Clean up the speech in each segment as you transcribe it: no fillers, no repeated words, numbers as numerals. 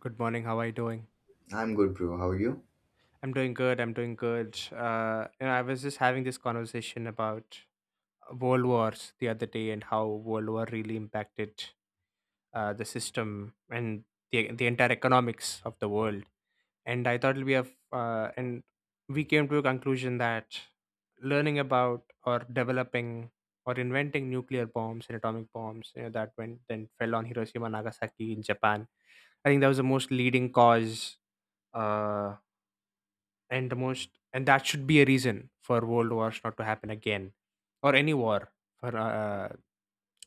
Good morning. How are you doing? I'm good, bro. How are you? I'm doing good. I was just having this conversation about world wars the other day and how world war really impacted the system and the entire economics of the world. And I thought it'll be a f- and we came to a conclusion that learning about or developing or inventing nuclear bombs and atomic bombs, that went then fell on Hiroshima, and Nagasaki in Japan. I think that was the most leading cause. Uh, and the most and that should be a reason for world wars not to happen again, or any war for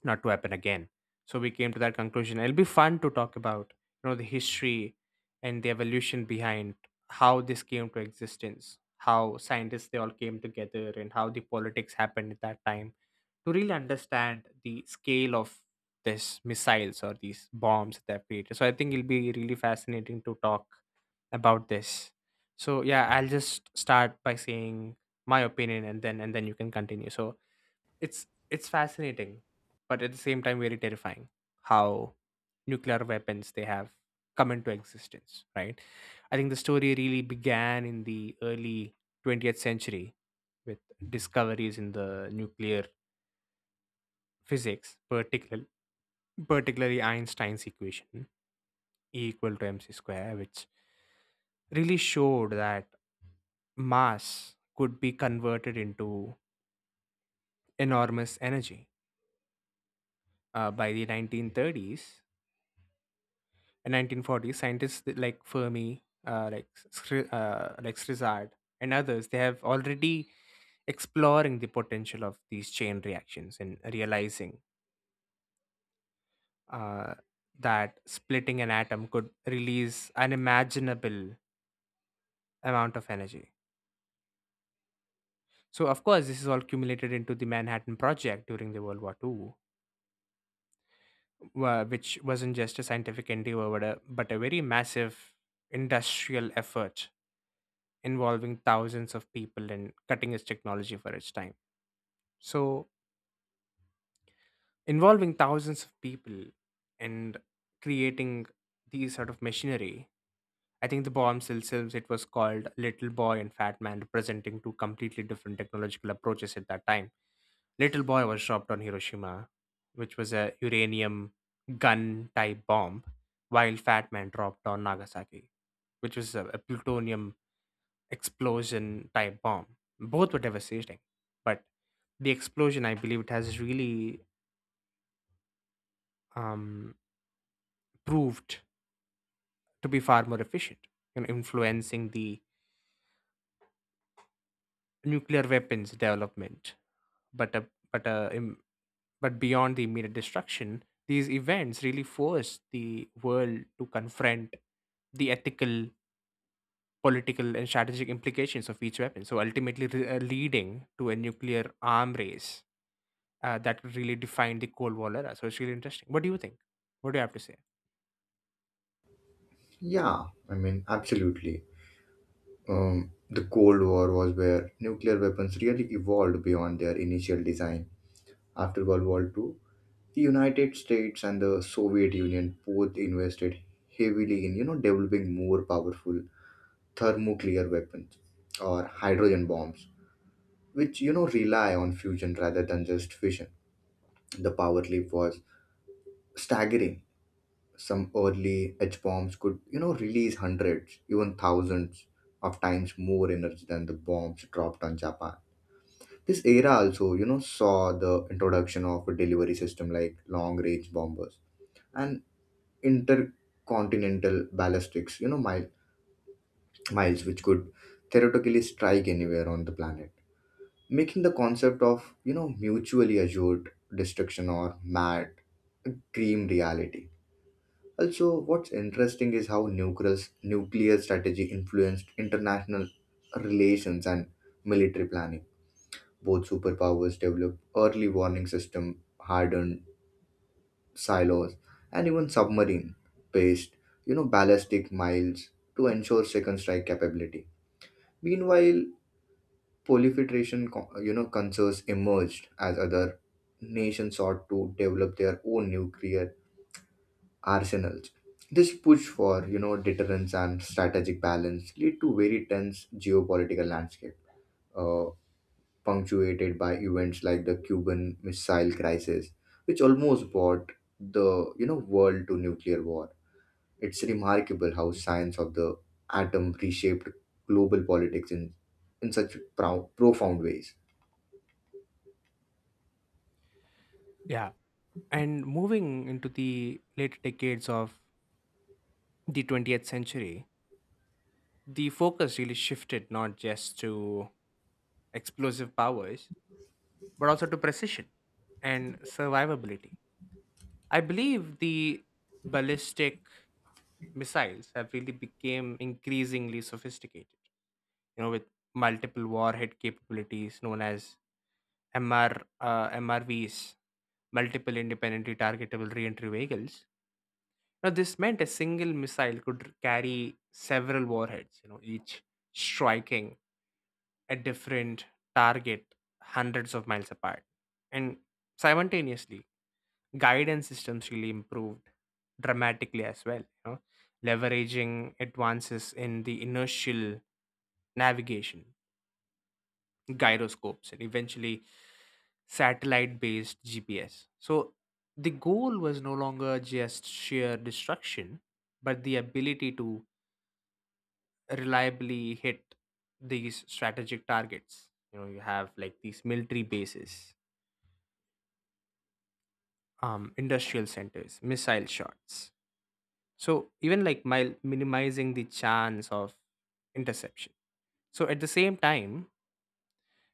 not to happen again. So we came to that conclusion. It'll be fun to talk about the history and the evolution behind how this came to existence, how scientists they all came together, and how the politics happened at that time, to really understand the scale of these missiles or these bombs that they have created. So I think it'll be really fascinating to talk about this. So yeah, I'll just start by saying my opinion and then you can continue. So it's fascinating, but at the same time very terrifying how nuclear weapons they have come into existence, right? I think the story really began in the early 20th century with discoveries in the nuclear physics, particularly Einstein's equation E equal to mc square, which really showed that mass could be converted into enormous energy. By the 1930s and 1940s, like Fermi, like Srizard and others, they have already exploring the potential of these chain reactions and realizing uh, that splitting an atom could release unimaginable amount of energy. So, of course, this is all cumulated into the Manhattan Project during the World War Two. Which wasn't just a scientific endeavor, but a very massive industrial effort involving thousands of people and cutting edge technology for its time. So, involving thousands of people and creating these sort of machinery. I think the bombshell films it was called Little Boy and Fat Man, representing two completely different technological approaches at that time. Little Boy was dropped on Hiroshima, which was a uranium gun type bomb, while Fat Man dropped on Nagasaki, which was a plutonium explosion type bomb. Both were devastating, but the explosion, I believe, it has really um, proved to be far more efficient in influencing the nuclear weapons development. But a but a im- but beyond the immediate destruction, these events really forced the world to confront the ethical, political, and strategic implications of each weapon. So ultimately, leading to a nuclear arm race that really defined the Cold War era. So it's really interesting. What do you think? What do you have to say? Yeah, I mean, absolutely. The Cold War was where nuclear weapons really evolved beyond their initial design. After World War Two, the United States and the Soviet Union both invested heavily in, developing more powerful thermonuclear weapons or hydrogen bombs, which, rely on fusion rather than just fission. The power leap was staggering. Some early H bombs could, release hundreds, even thousands of times more energy than the bombs dropped on Japan. This era also, saw the introduction of a delivery system like long range bombers and intercontinental ballistics, miles, which could theoretically strike anywhere on the planet, making the concept of, mutually assured destruction, or MAD, a dream reality. Also, what's interesting is how nuclear strategy influenced international relations and military planning. Both superpowers developed early warning system, hardened silos, and even submarine-based, ballistic miles to ensure second strike capability. Meanwhile, proliferation, co- you know, concerns emerged as other nations sought to develop their own nuclear arsenals. This push for deterrence and strategic balance lead to very tense geopolitical landscape, uh, punctuated by events like the Cuban Missile Crisis, which almost brought the world to nuclear war. It's remarkable how science of the atom reshaped global politics in such profound ways. Yeah. And moving into the later decades of the 20th century, the focus really shifted not just to explosive powers but also to precision and survivability. I believe the ballistic missiles have really become increasingly sophisticated, you know, with multiple warhead capabilities known as MRVs, multiple independently targetable reentry vehicles. Now, this meant a single missile could carry several warheads, you know, each striking a different target hundreds of miles apart. And simultaneously, guidance systems really improved dramatically as well, you know, leveraging advances in the inertial navigation gyroscopes and eventually satellite based gps. So the goal was no longer just sheer destruction but the ability to reliably hit these strategic targets. You know, you have like these military bases, industrial centers, missile shots. So even like minimizing the chance of interception. So at the same time,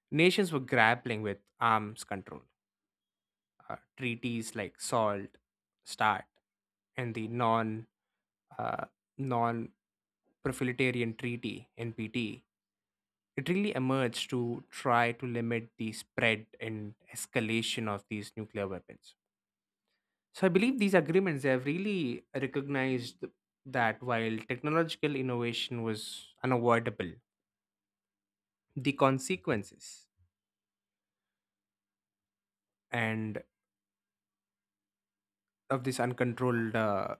nations were grappling with arms control, treaties like SALT, START, and the uh, non Proletarian Treaty (NPT). It really emerged to try to limit the spread and escalation of these nuclear weapons. So I believe these agreements they have really recognized that while technological innovation was unavoidable, the consequences and of this uncontrolled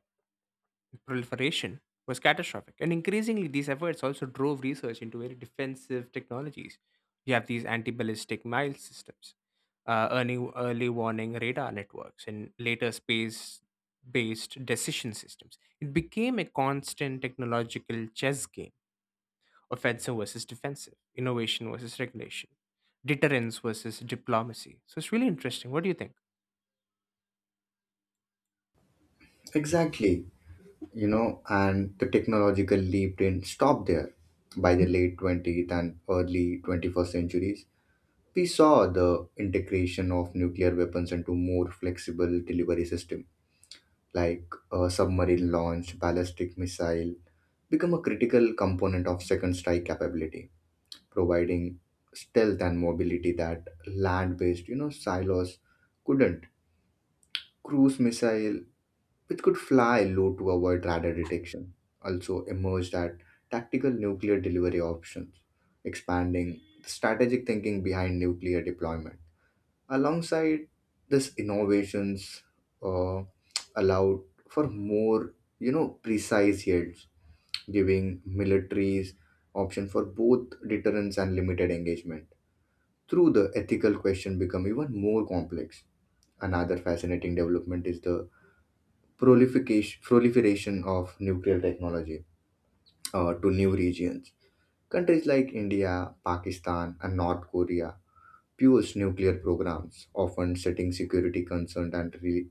proliferation was catastrophic. And increasingly, these efforts also drove research into very defensive technologies. You have these anti-ballistic missile systems, early warning radar networks, and later space-based decision systems. It became a constant technological chess game, offensive versus defensive, innovation versus regulation, deterrence versus diplomacy. So it's really interesting. What do you think? Exactly, you know, and the technological leap didn't stop there. By the late 20th and early 21st centuries, we saw the integration of nuclear weapons into more flexible delivery system, like a submarine launched ballistic missile, become a critical component of second strike capability, providing stealth and mobility that land-based, silos couldn't. Cruise missile which could fly low to avoid radar detection, also emerged as tactical nuclear delivery options, expanding the strategic thinking behind nuclear deployment. Alongside this, innovations, uh, allowed for more, precise yields, giving militaries option for both deterrence and limited engagement. Through the ethical question become even more complex. Another fascinating development is the proliferation of nuclear technology to new regions. Countries like India, Pakistan, and North Korea fuels nuclear programs, often setting security concerns and re-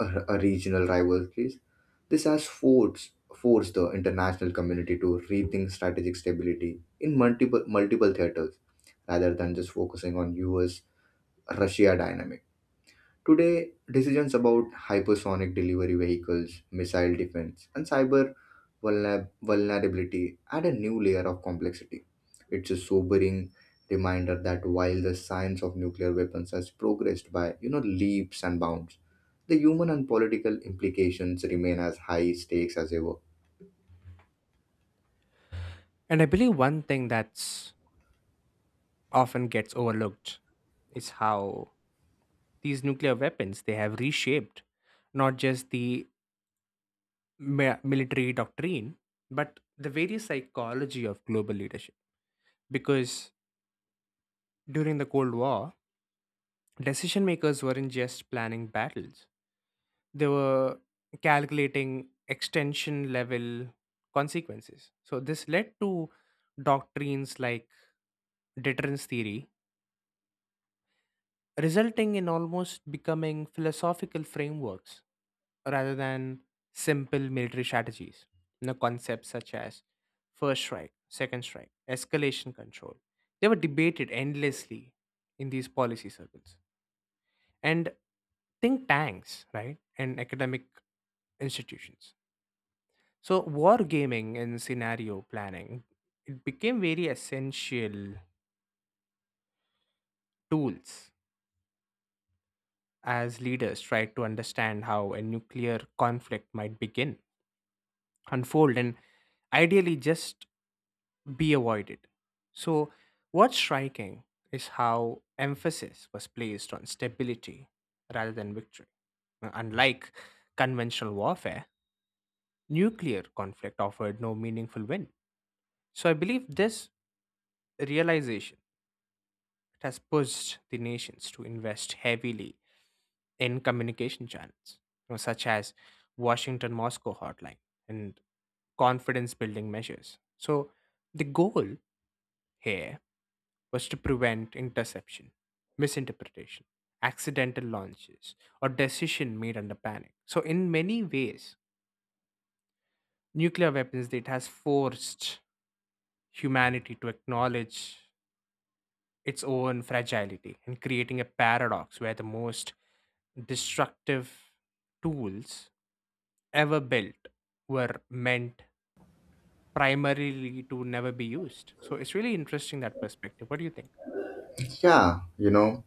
uh, uh, regional rivalries. This has forced the international community to rethink strategic stability in multiple theaters rather than just focusing on US Russia dynamics. Today, decisions about hypersonic delivery vehicles, missile defense, and cyber vulnerability add a new layer of complexity. It's a sobering reminder that while the science of nuclear weapons has progressed by leaps and bounds, the human and political implications remain as high stakes as ever. And I believe one thing that's often gets overlooked is how these nuclear weapons they have reshaped not just the military doctrine but the various psychology of global leadership, because during the cold war decision makers weren't just planning battles. They were calculating extension level consequences. So this led to doctrines like deterrence theory, resulting in almost becoming philosophical frameworks rather than simple military strategies. You know, concepts such as first strike, second strike, escalation control, they were debated endlessly in these policy circles. And think tanks, right, and academic institutions. So wargaming and scenario planning, it became very essential tools as leaders tried to understand how a nuclear conflict might begin, unfold, and ideally just be avoided. So, what's striking is how emphasis was placed on stability rather than victory. Unlike conventional warfare, nuclear conflict offered no meaningful win. So I believe this realization, it has pushed the nations to invest heavily in communication channels, you know, such as Washington Moscow hotline and confidence building measures. So the goal here was to prevent interception, misinterpretation, accidental launches, or decision made under panic. So, in many ways, nuclear weapons it has forced humanity to acknowledge its own fragility, and creating a paradox where the most destructive tools ever built were meant primarily to never be used. So it's really interesting that perspective. What do you think? Yeah, you know,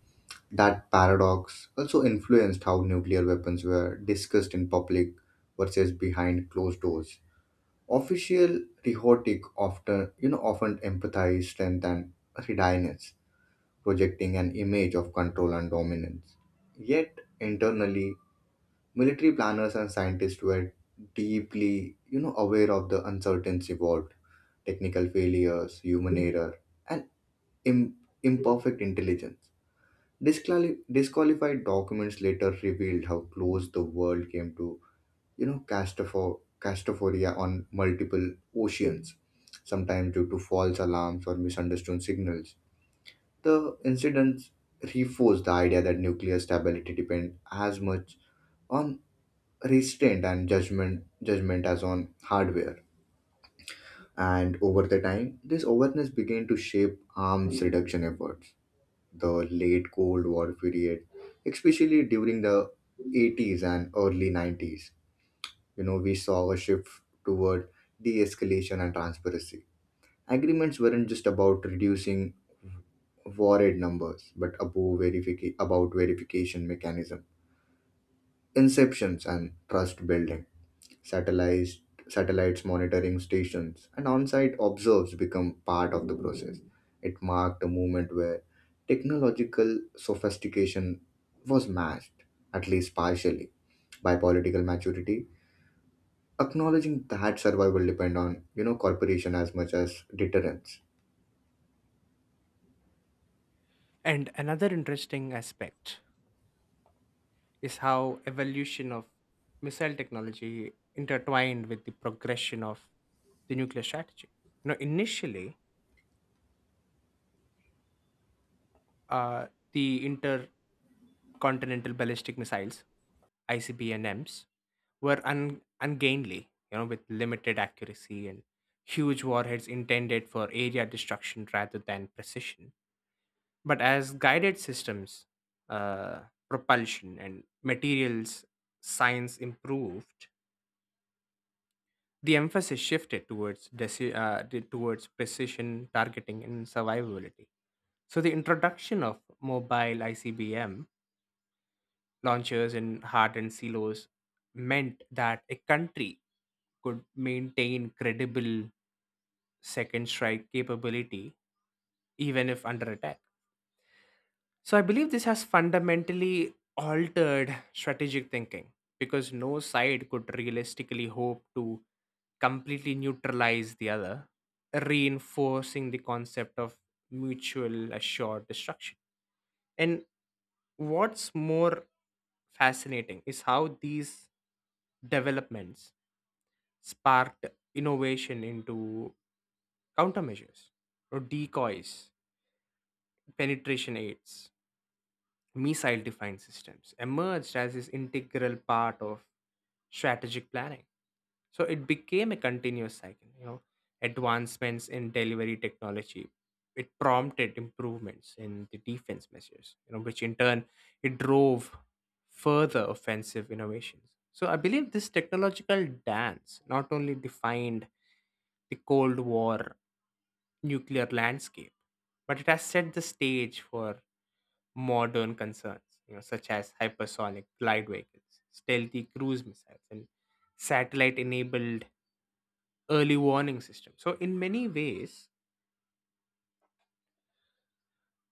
that paradox also influenced how nuclear weapons were discussed in public versus behind closed doors. Official rhetoric often, often emphasize strength and readiness, projecting an image of control and dominance. Yet internally, military planners and scientists were deeply, aware of the uncertainties involved, technical failures, human error, and im- imperfect intelligence. Disqualified documents later revealed how close the world came to castrophoria on multiple oceans, sometimes due to false alarms or misunderstood signals. The incidents reinforce the idea that nuclear stability depends as much on restraint and judgment as on hardware, and over the time this awareness began to shape arms reduction efforts. The late cold war period, especially during the 80s and early 90s, we saw a shift toward de-escalation and transparency. Agreements weren't just about reducing war aid numbers but about verification mechanism, inceptions and trust building. Satellites satellites monitoring stations and on-site observes become part of the process. It marked a moment where technological sophistication was matched, at least partially, by political maturity, acknowledging that survival depend on corporation as much as deterrence. And another interesting aspect is how evolution of missile technology intertwined with the progression of the nuclear strategy. You know, initially, uh, the Continental ballistic missiles, ICBMs, were ungainly, you know, with limited accuracy and huge warheads intended for area destruction rather than precision. But as guided systems, uh, propulsion, and materials science improved, the emphasis shifted towards precision targeting and survivability. So the introduction of mobile ICBM launchers in hard and silos meant that a country could maintain credible second strike capability even if under attack. So I believe this has fundamentally altered strategic thinking because no side could realistically hope to completely neutralize the other, reinforcing the concept of mutual assured destruction. And what's more fascinating is how these developments sparked innovation into countermeasures or decoys, penetration aids, missile defined systems emerged as this integral part of strategic planning. So it became a continuous cycle, you know, advancements in delivery technology. It prompted improvements in the defense measures, you know, which in turn it drove further offensive innovations. So I believe this technological dance not only defined the Cold War nuclear landscape, but it has set the stage for modern concerns, you know, such as hypersonic glide vehicles, stealthy cruise missiles, and satellite-enabled early warning systems. So, in many ways,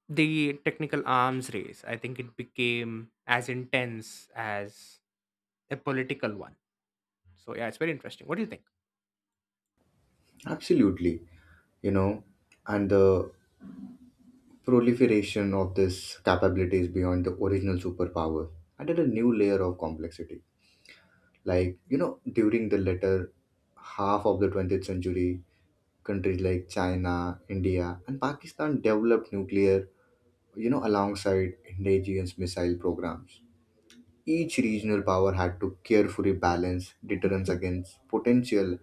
the technical arms race, I think, it became as intense as a political one. So, yeah, it's very interesting. What do you think? Absolutely, you know, and the proliferation of this capabilities beyond the original superpower added a new layer of complexity, like during the latter half of the 20th century, countries like china india and pakistan developed nuclear, alongside indigenous missile programs. Each regional power had to carefully balance deterrence against potential,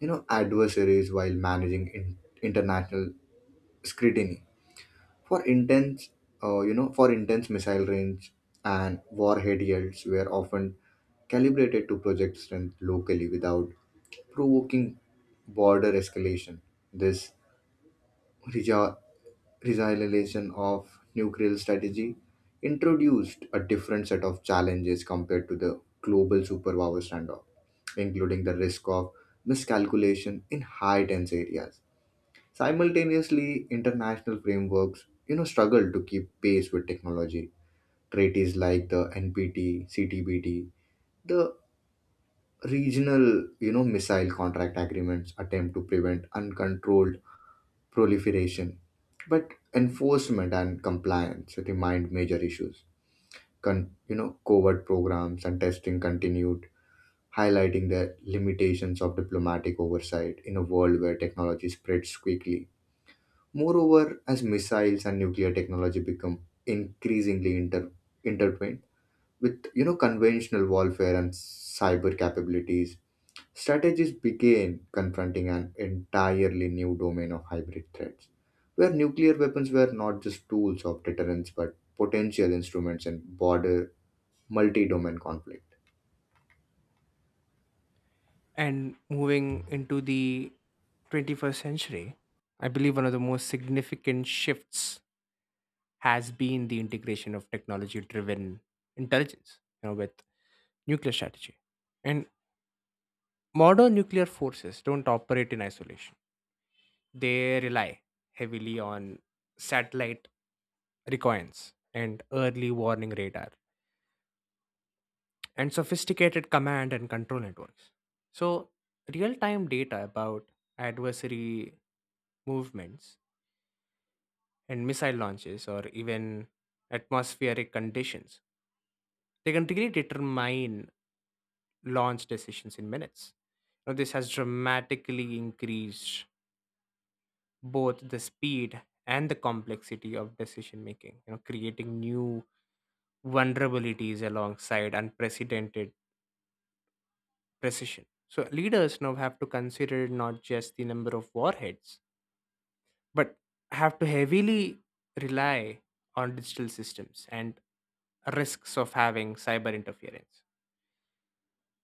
adversaries, while managing international scrutiny for intense for intense missile range and warhead yields were often calibrated to project strength locally without provoking border escalation. This resi- resilience of nuclear strategy introduced a different set of challenges compared to the global superpower standoff, including the risk of miscalculation in high tense areas. Simultaneously, international frameworks, struggle to keep pace with technology. Treaties like the NPT, CTBT, the regional, missile contract agreements attempt to prevent uncontrolled proliferation, but enforcement and compliance remain major issues. Covert programs and testing continued, highlighting the limitations of diplomatic oversight in a world where technology spreads quickly. Moreover, as missiles and nuclear technology become increasingly intertwined with conventional warfare and cyber capabilities, strategies began confronting an entirely new domain of hybrid threats, where nuclear weapons were not just tools of deterrence but potential instruments in border multi-domain conflict. And moving into the 21st century, I believe one of the most significant shifts has been the integration of technology driven intelligence, you know, with nuclear strategy. And modern nuclear forces don't operate in isolation, they rely heavily on satellite reconnaissance and early warning radar and sophisticated command and control networks. So real time data about adversary movements and missile launches or even atmospheric conditions, they can really determine launch decisions in minutes. Now, this has dramatically increased both the speed and the complexity of decision making, you know, creating new vulnerabilities alongside unprecedented precision. So leaders now have to consider not just the number of warheads but have to heavily rely on digital systems and risks of having cyber interference.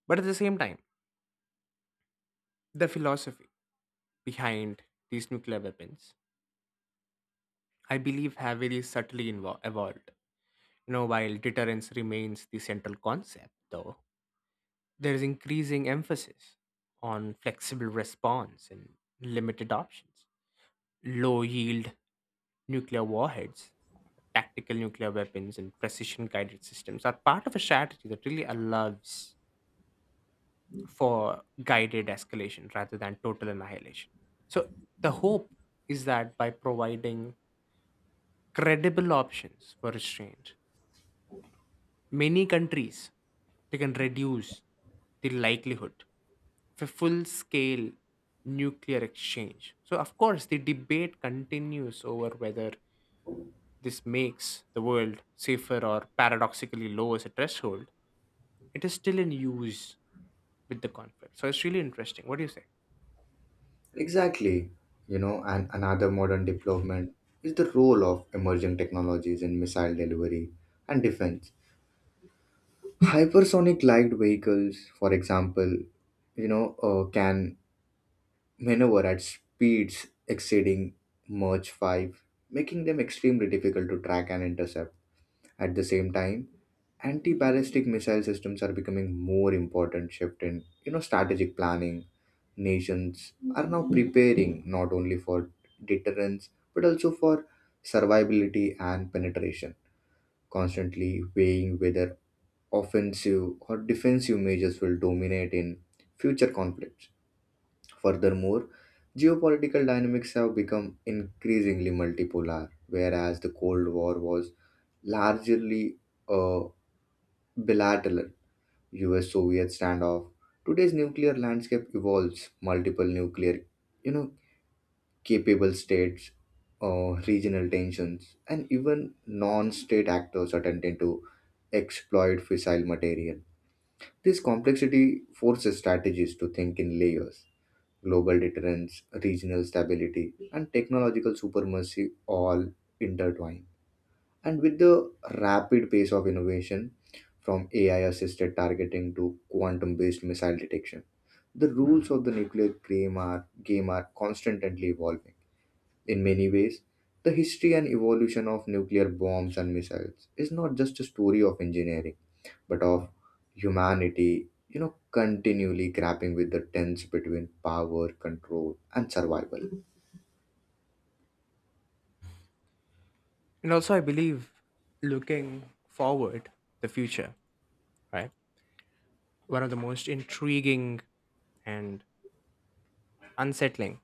But at the same time, the philosophy behind these nuclear weapons, I believe, have very subtly evolved. You know, while deterrence remains the central concept, though, there is increasing emphasis on flexible response and limited options. Low yield nuclear warheads, tactical nuclear weapons, and precision guided systems are part of a strategy that really allows for guided escalation rather than total annihilation. So the hope is that by providing credible options for restraint, many countries they can reduce the likelihood of a full scale nuclear exchange. So, of course, the debate continues over whether this makes the world safer or paradoxically lowers a threshold. It is still in use with the conflict. So it's really interesting. What do you say? Exactly, you know, and another modern development is the role of emerging technologies in missile delivery and defense. Hypersonic light vehicles, for example, can maneuver at speeds exceeding Mach 5, making them extremely difficult to track and intercept. At the same time, anti-ballistic missile systems are becoming more important shift in, strategic planning. Nations are now preparing not only for deterrence but also for survivability and penetration, constantly weighing whether offensive or defensive measures will dominate in future conflicts. Furthermore, geopolitical dynamics have become increasingly multipolar, whereas the Cold War was largely a bilateral US Soviet standoff. Today's nuclear landscape evolves multiple nuclear, you know, capable states, regional tensions, and even non-state actors are attempting to exploit fissile material. This complexity forces strategies to think in layers. Global deterrence, regional stability, and technological supremacy all intertwine. And with the rapid pace of innovation, from AI assisted targeting to quantum based missile detection, the rules of the nuclear game are constantly evolving. In many ways, the history and evolution of nuclear bombs and missiles is not just a story of engineering but of humanity, continually grappling with the tense between power, control, and survival. And also, I believe looking forward, the future, right? One of the most intriguing and unsettling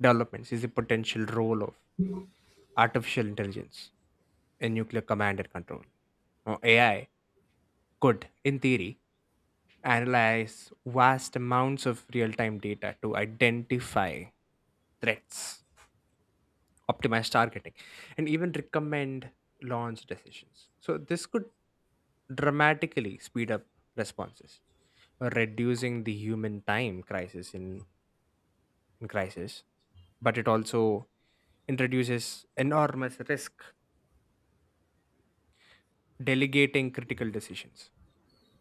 developments is the potential role of artificial intelligence in nuclear command and control. Now, AI could, in theory, analyze vast amounts of real time data to identify threats, optimize targeting, and even recommend launch decisions. So, this could dramatically speed up responses, reducing the human time crisis in crisis, but it also introduces enormous risk delegating critical decisions,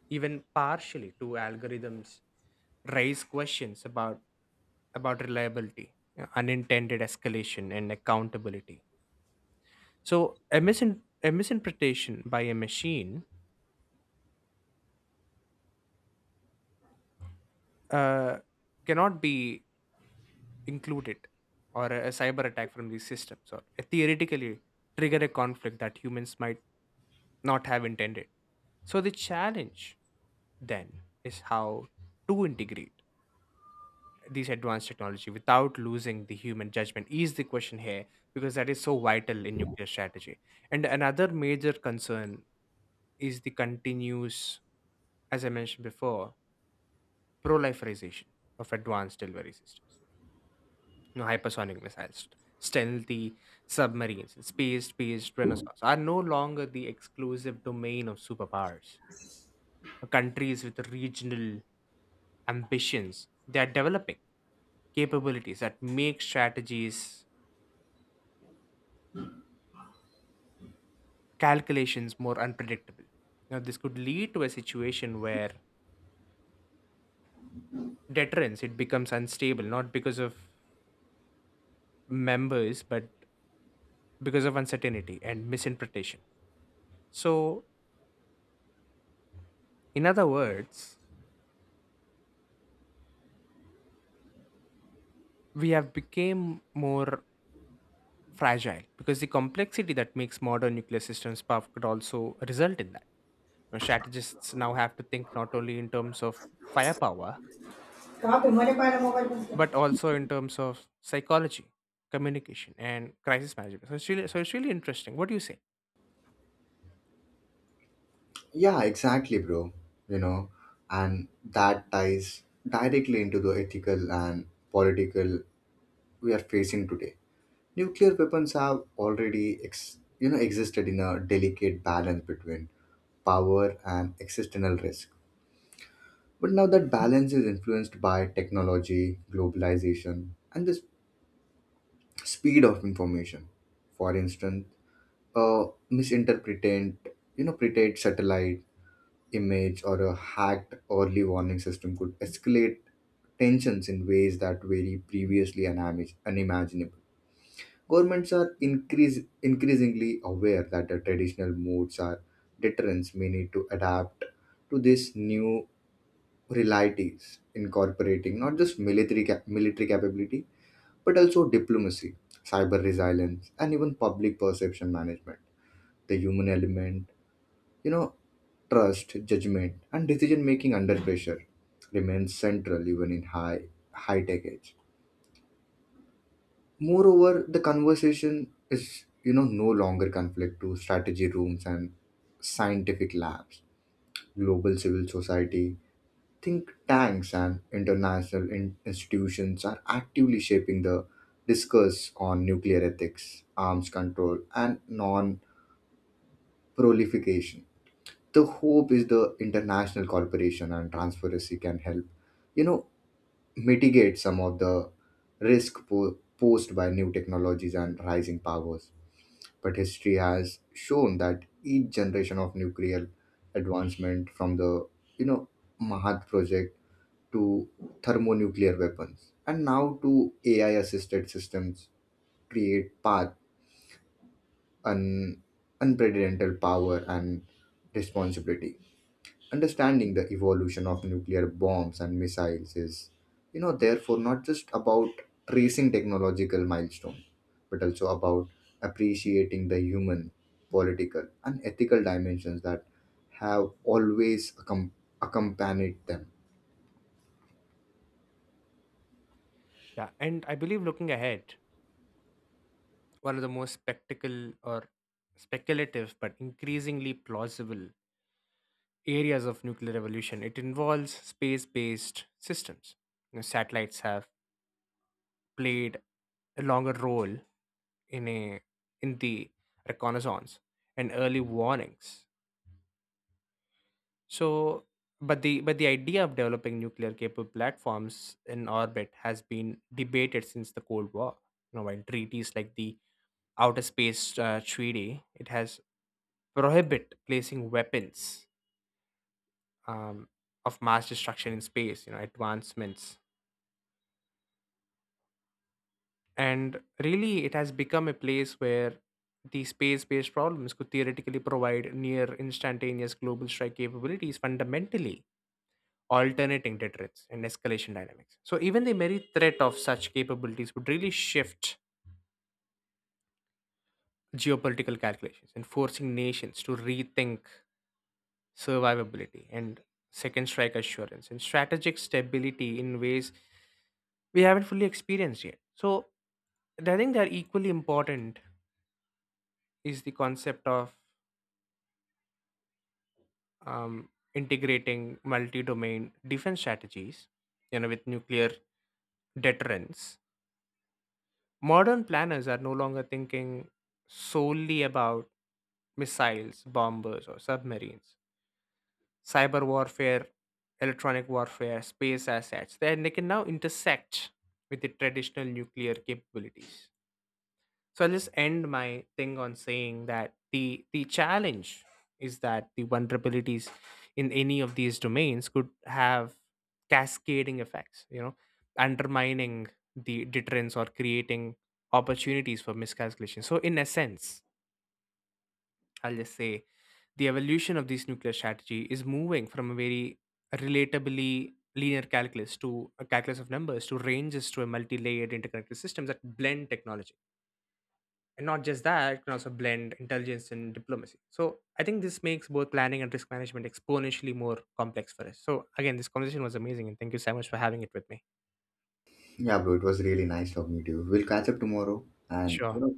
even partially to algorithms raise questions about reliability, you know, unintended escalation, and accountability. So a misinterpretation by a machine uh, cannot be included, or a cyber attack from these systems, or a theoretically trigger a conflict that humans might not have intended. So the challenge then is how to integrate these advanced technology without losing the human judgment is the question here because that is so vital in nuclear strategy, and another major concern is the continuous, as I mentioned before, proliferation of advanced delivery systems, you know, hypersonic missiles, stealthy submarines, and space-based renaissance are no longer the exclusive domain of superpowers. Countries with regional ambitions, they are developing capabilities that make strategies, calculations more unpredictable. Now, this could lead to a situation where deterrence it becomes unstable, not because of members, but because of uncertainty and misinterpretation. So, in other words, we have become more fragile because the complexity that makes modern nuclear systems powerful could also result in that. You know, strategists now have to think not only in terms of firepower, कहाँ पे मरे पाए ना mobile phone से. but also in terms of psychology, communication, and crisis management. So it's really interesting. What do you say? Yeah, exactly, bro. You know, and that ties directly into the ethical and political we are facing today. Nuclear weapons have already, existed in a delicate balance between power and existential risk. But now that balance is influenced by technology, globalization, and this speed of information. For instance, a misinterpreted, pretend satellite image or a hacked early warning system could escalate tensions in ways that were previously unimaginable. Governments are increasingly aware that the traditional modes are deterrents may need to adapt to these new realities, incorporating not just military capability but also diplomacy, cyber resilience, and even public perception management. The human element, you know, trust, judgment, and decision making under pressure remains central even in high tech age. Moreover, the conversation is no longer conflict to strategy rooms and scientific labs. Global civil society think tanks and international institutions are actively shaping the discourse on nuclear ethics, arms control, and non proliferation. The hope is the international cooperation and transparency can help, you know, mitigate some of the risk posed by new technologies and rising powers. But history has shown that each generation of nuclear advancement, from the, you know, Mahat project to thermonuclear weapons, and now to AI assisted systems, create path un- unprecedented power and responsibility. Understanding the evolution of nuclear bombs and missiles is, therefore not just about tracing technological milestone, but also about appreciating the human, political, and ethical dimensions that have always accompanied them. Yeah, and I believe looking ahead, one of the most spectacle or speculative but increasingly plausible areas of nuclear evolution. It involves space based systems. You know, satellites have played a longer role in, a, in the reconnaissance and early warnings. So, but the idea of developing nuclear capable platforms in orbit has been debated since the Cold War. You know, while treaties like the Outer Space Treaty, it has prohibit placing weapons um, of mass destruction in space. You know, advancements. And really, it has become a place where the space based problems could theoretically provide near instantaneous global strike capabilities, fundamentally alternating deterrence and escalation dynamics. So, even the very threat of such capabilities would really shift geopolitical calculations and forcing nations to rethink survivability and second strike assurance and strategic stability in ways we haven't fully experienced yet. So, I think that equally important is the concept of um, integrating multi-domain defense strategies, you know, with nuclear deterrence. Modern planners are no longer thinking solely about missiles, bombers, or submarines. Cyber warfare, electronic warfare, space assets, then they can now intersect with the traditional nuclear capabilities. So I'll just end my thing on saying that the challenge is that the vulnerabilities in any of these domains could have cascading effects, you know, undermining the deterrence or creating opportunities for miscalculation. So in essence, I'll just say the evolution of this nuclear strategy is moving from a very relatably linear calculus to a calculus of numbers to ranges to a multi-layered interconnected systems that blend technology, and not just that, it can also blend intelligence and diplomacy. So I think this makes both planning and risk management exponentially more complex for us. So again, this conversation was amazing and thank you so much for having it with me. Yeah, bro, it was really nice talking to you. We'll catch up tomorrow and Sure.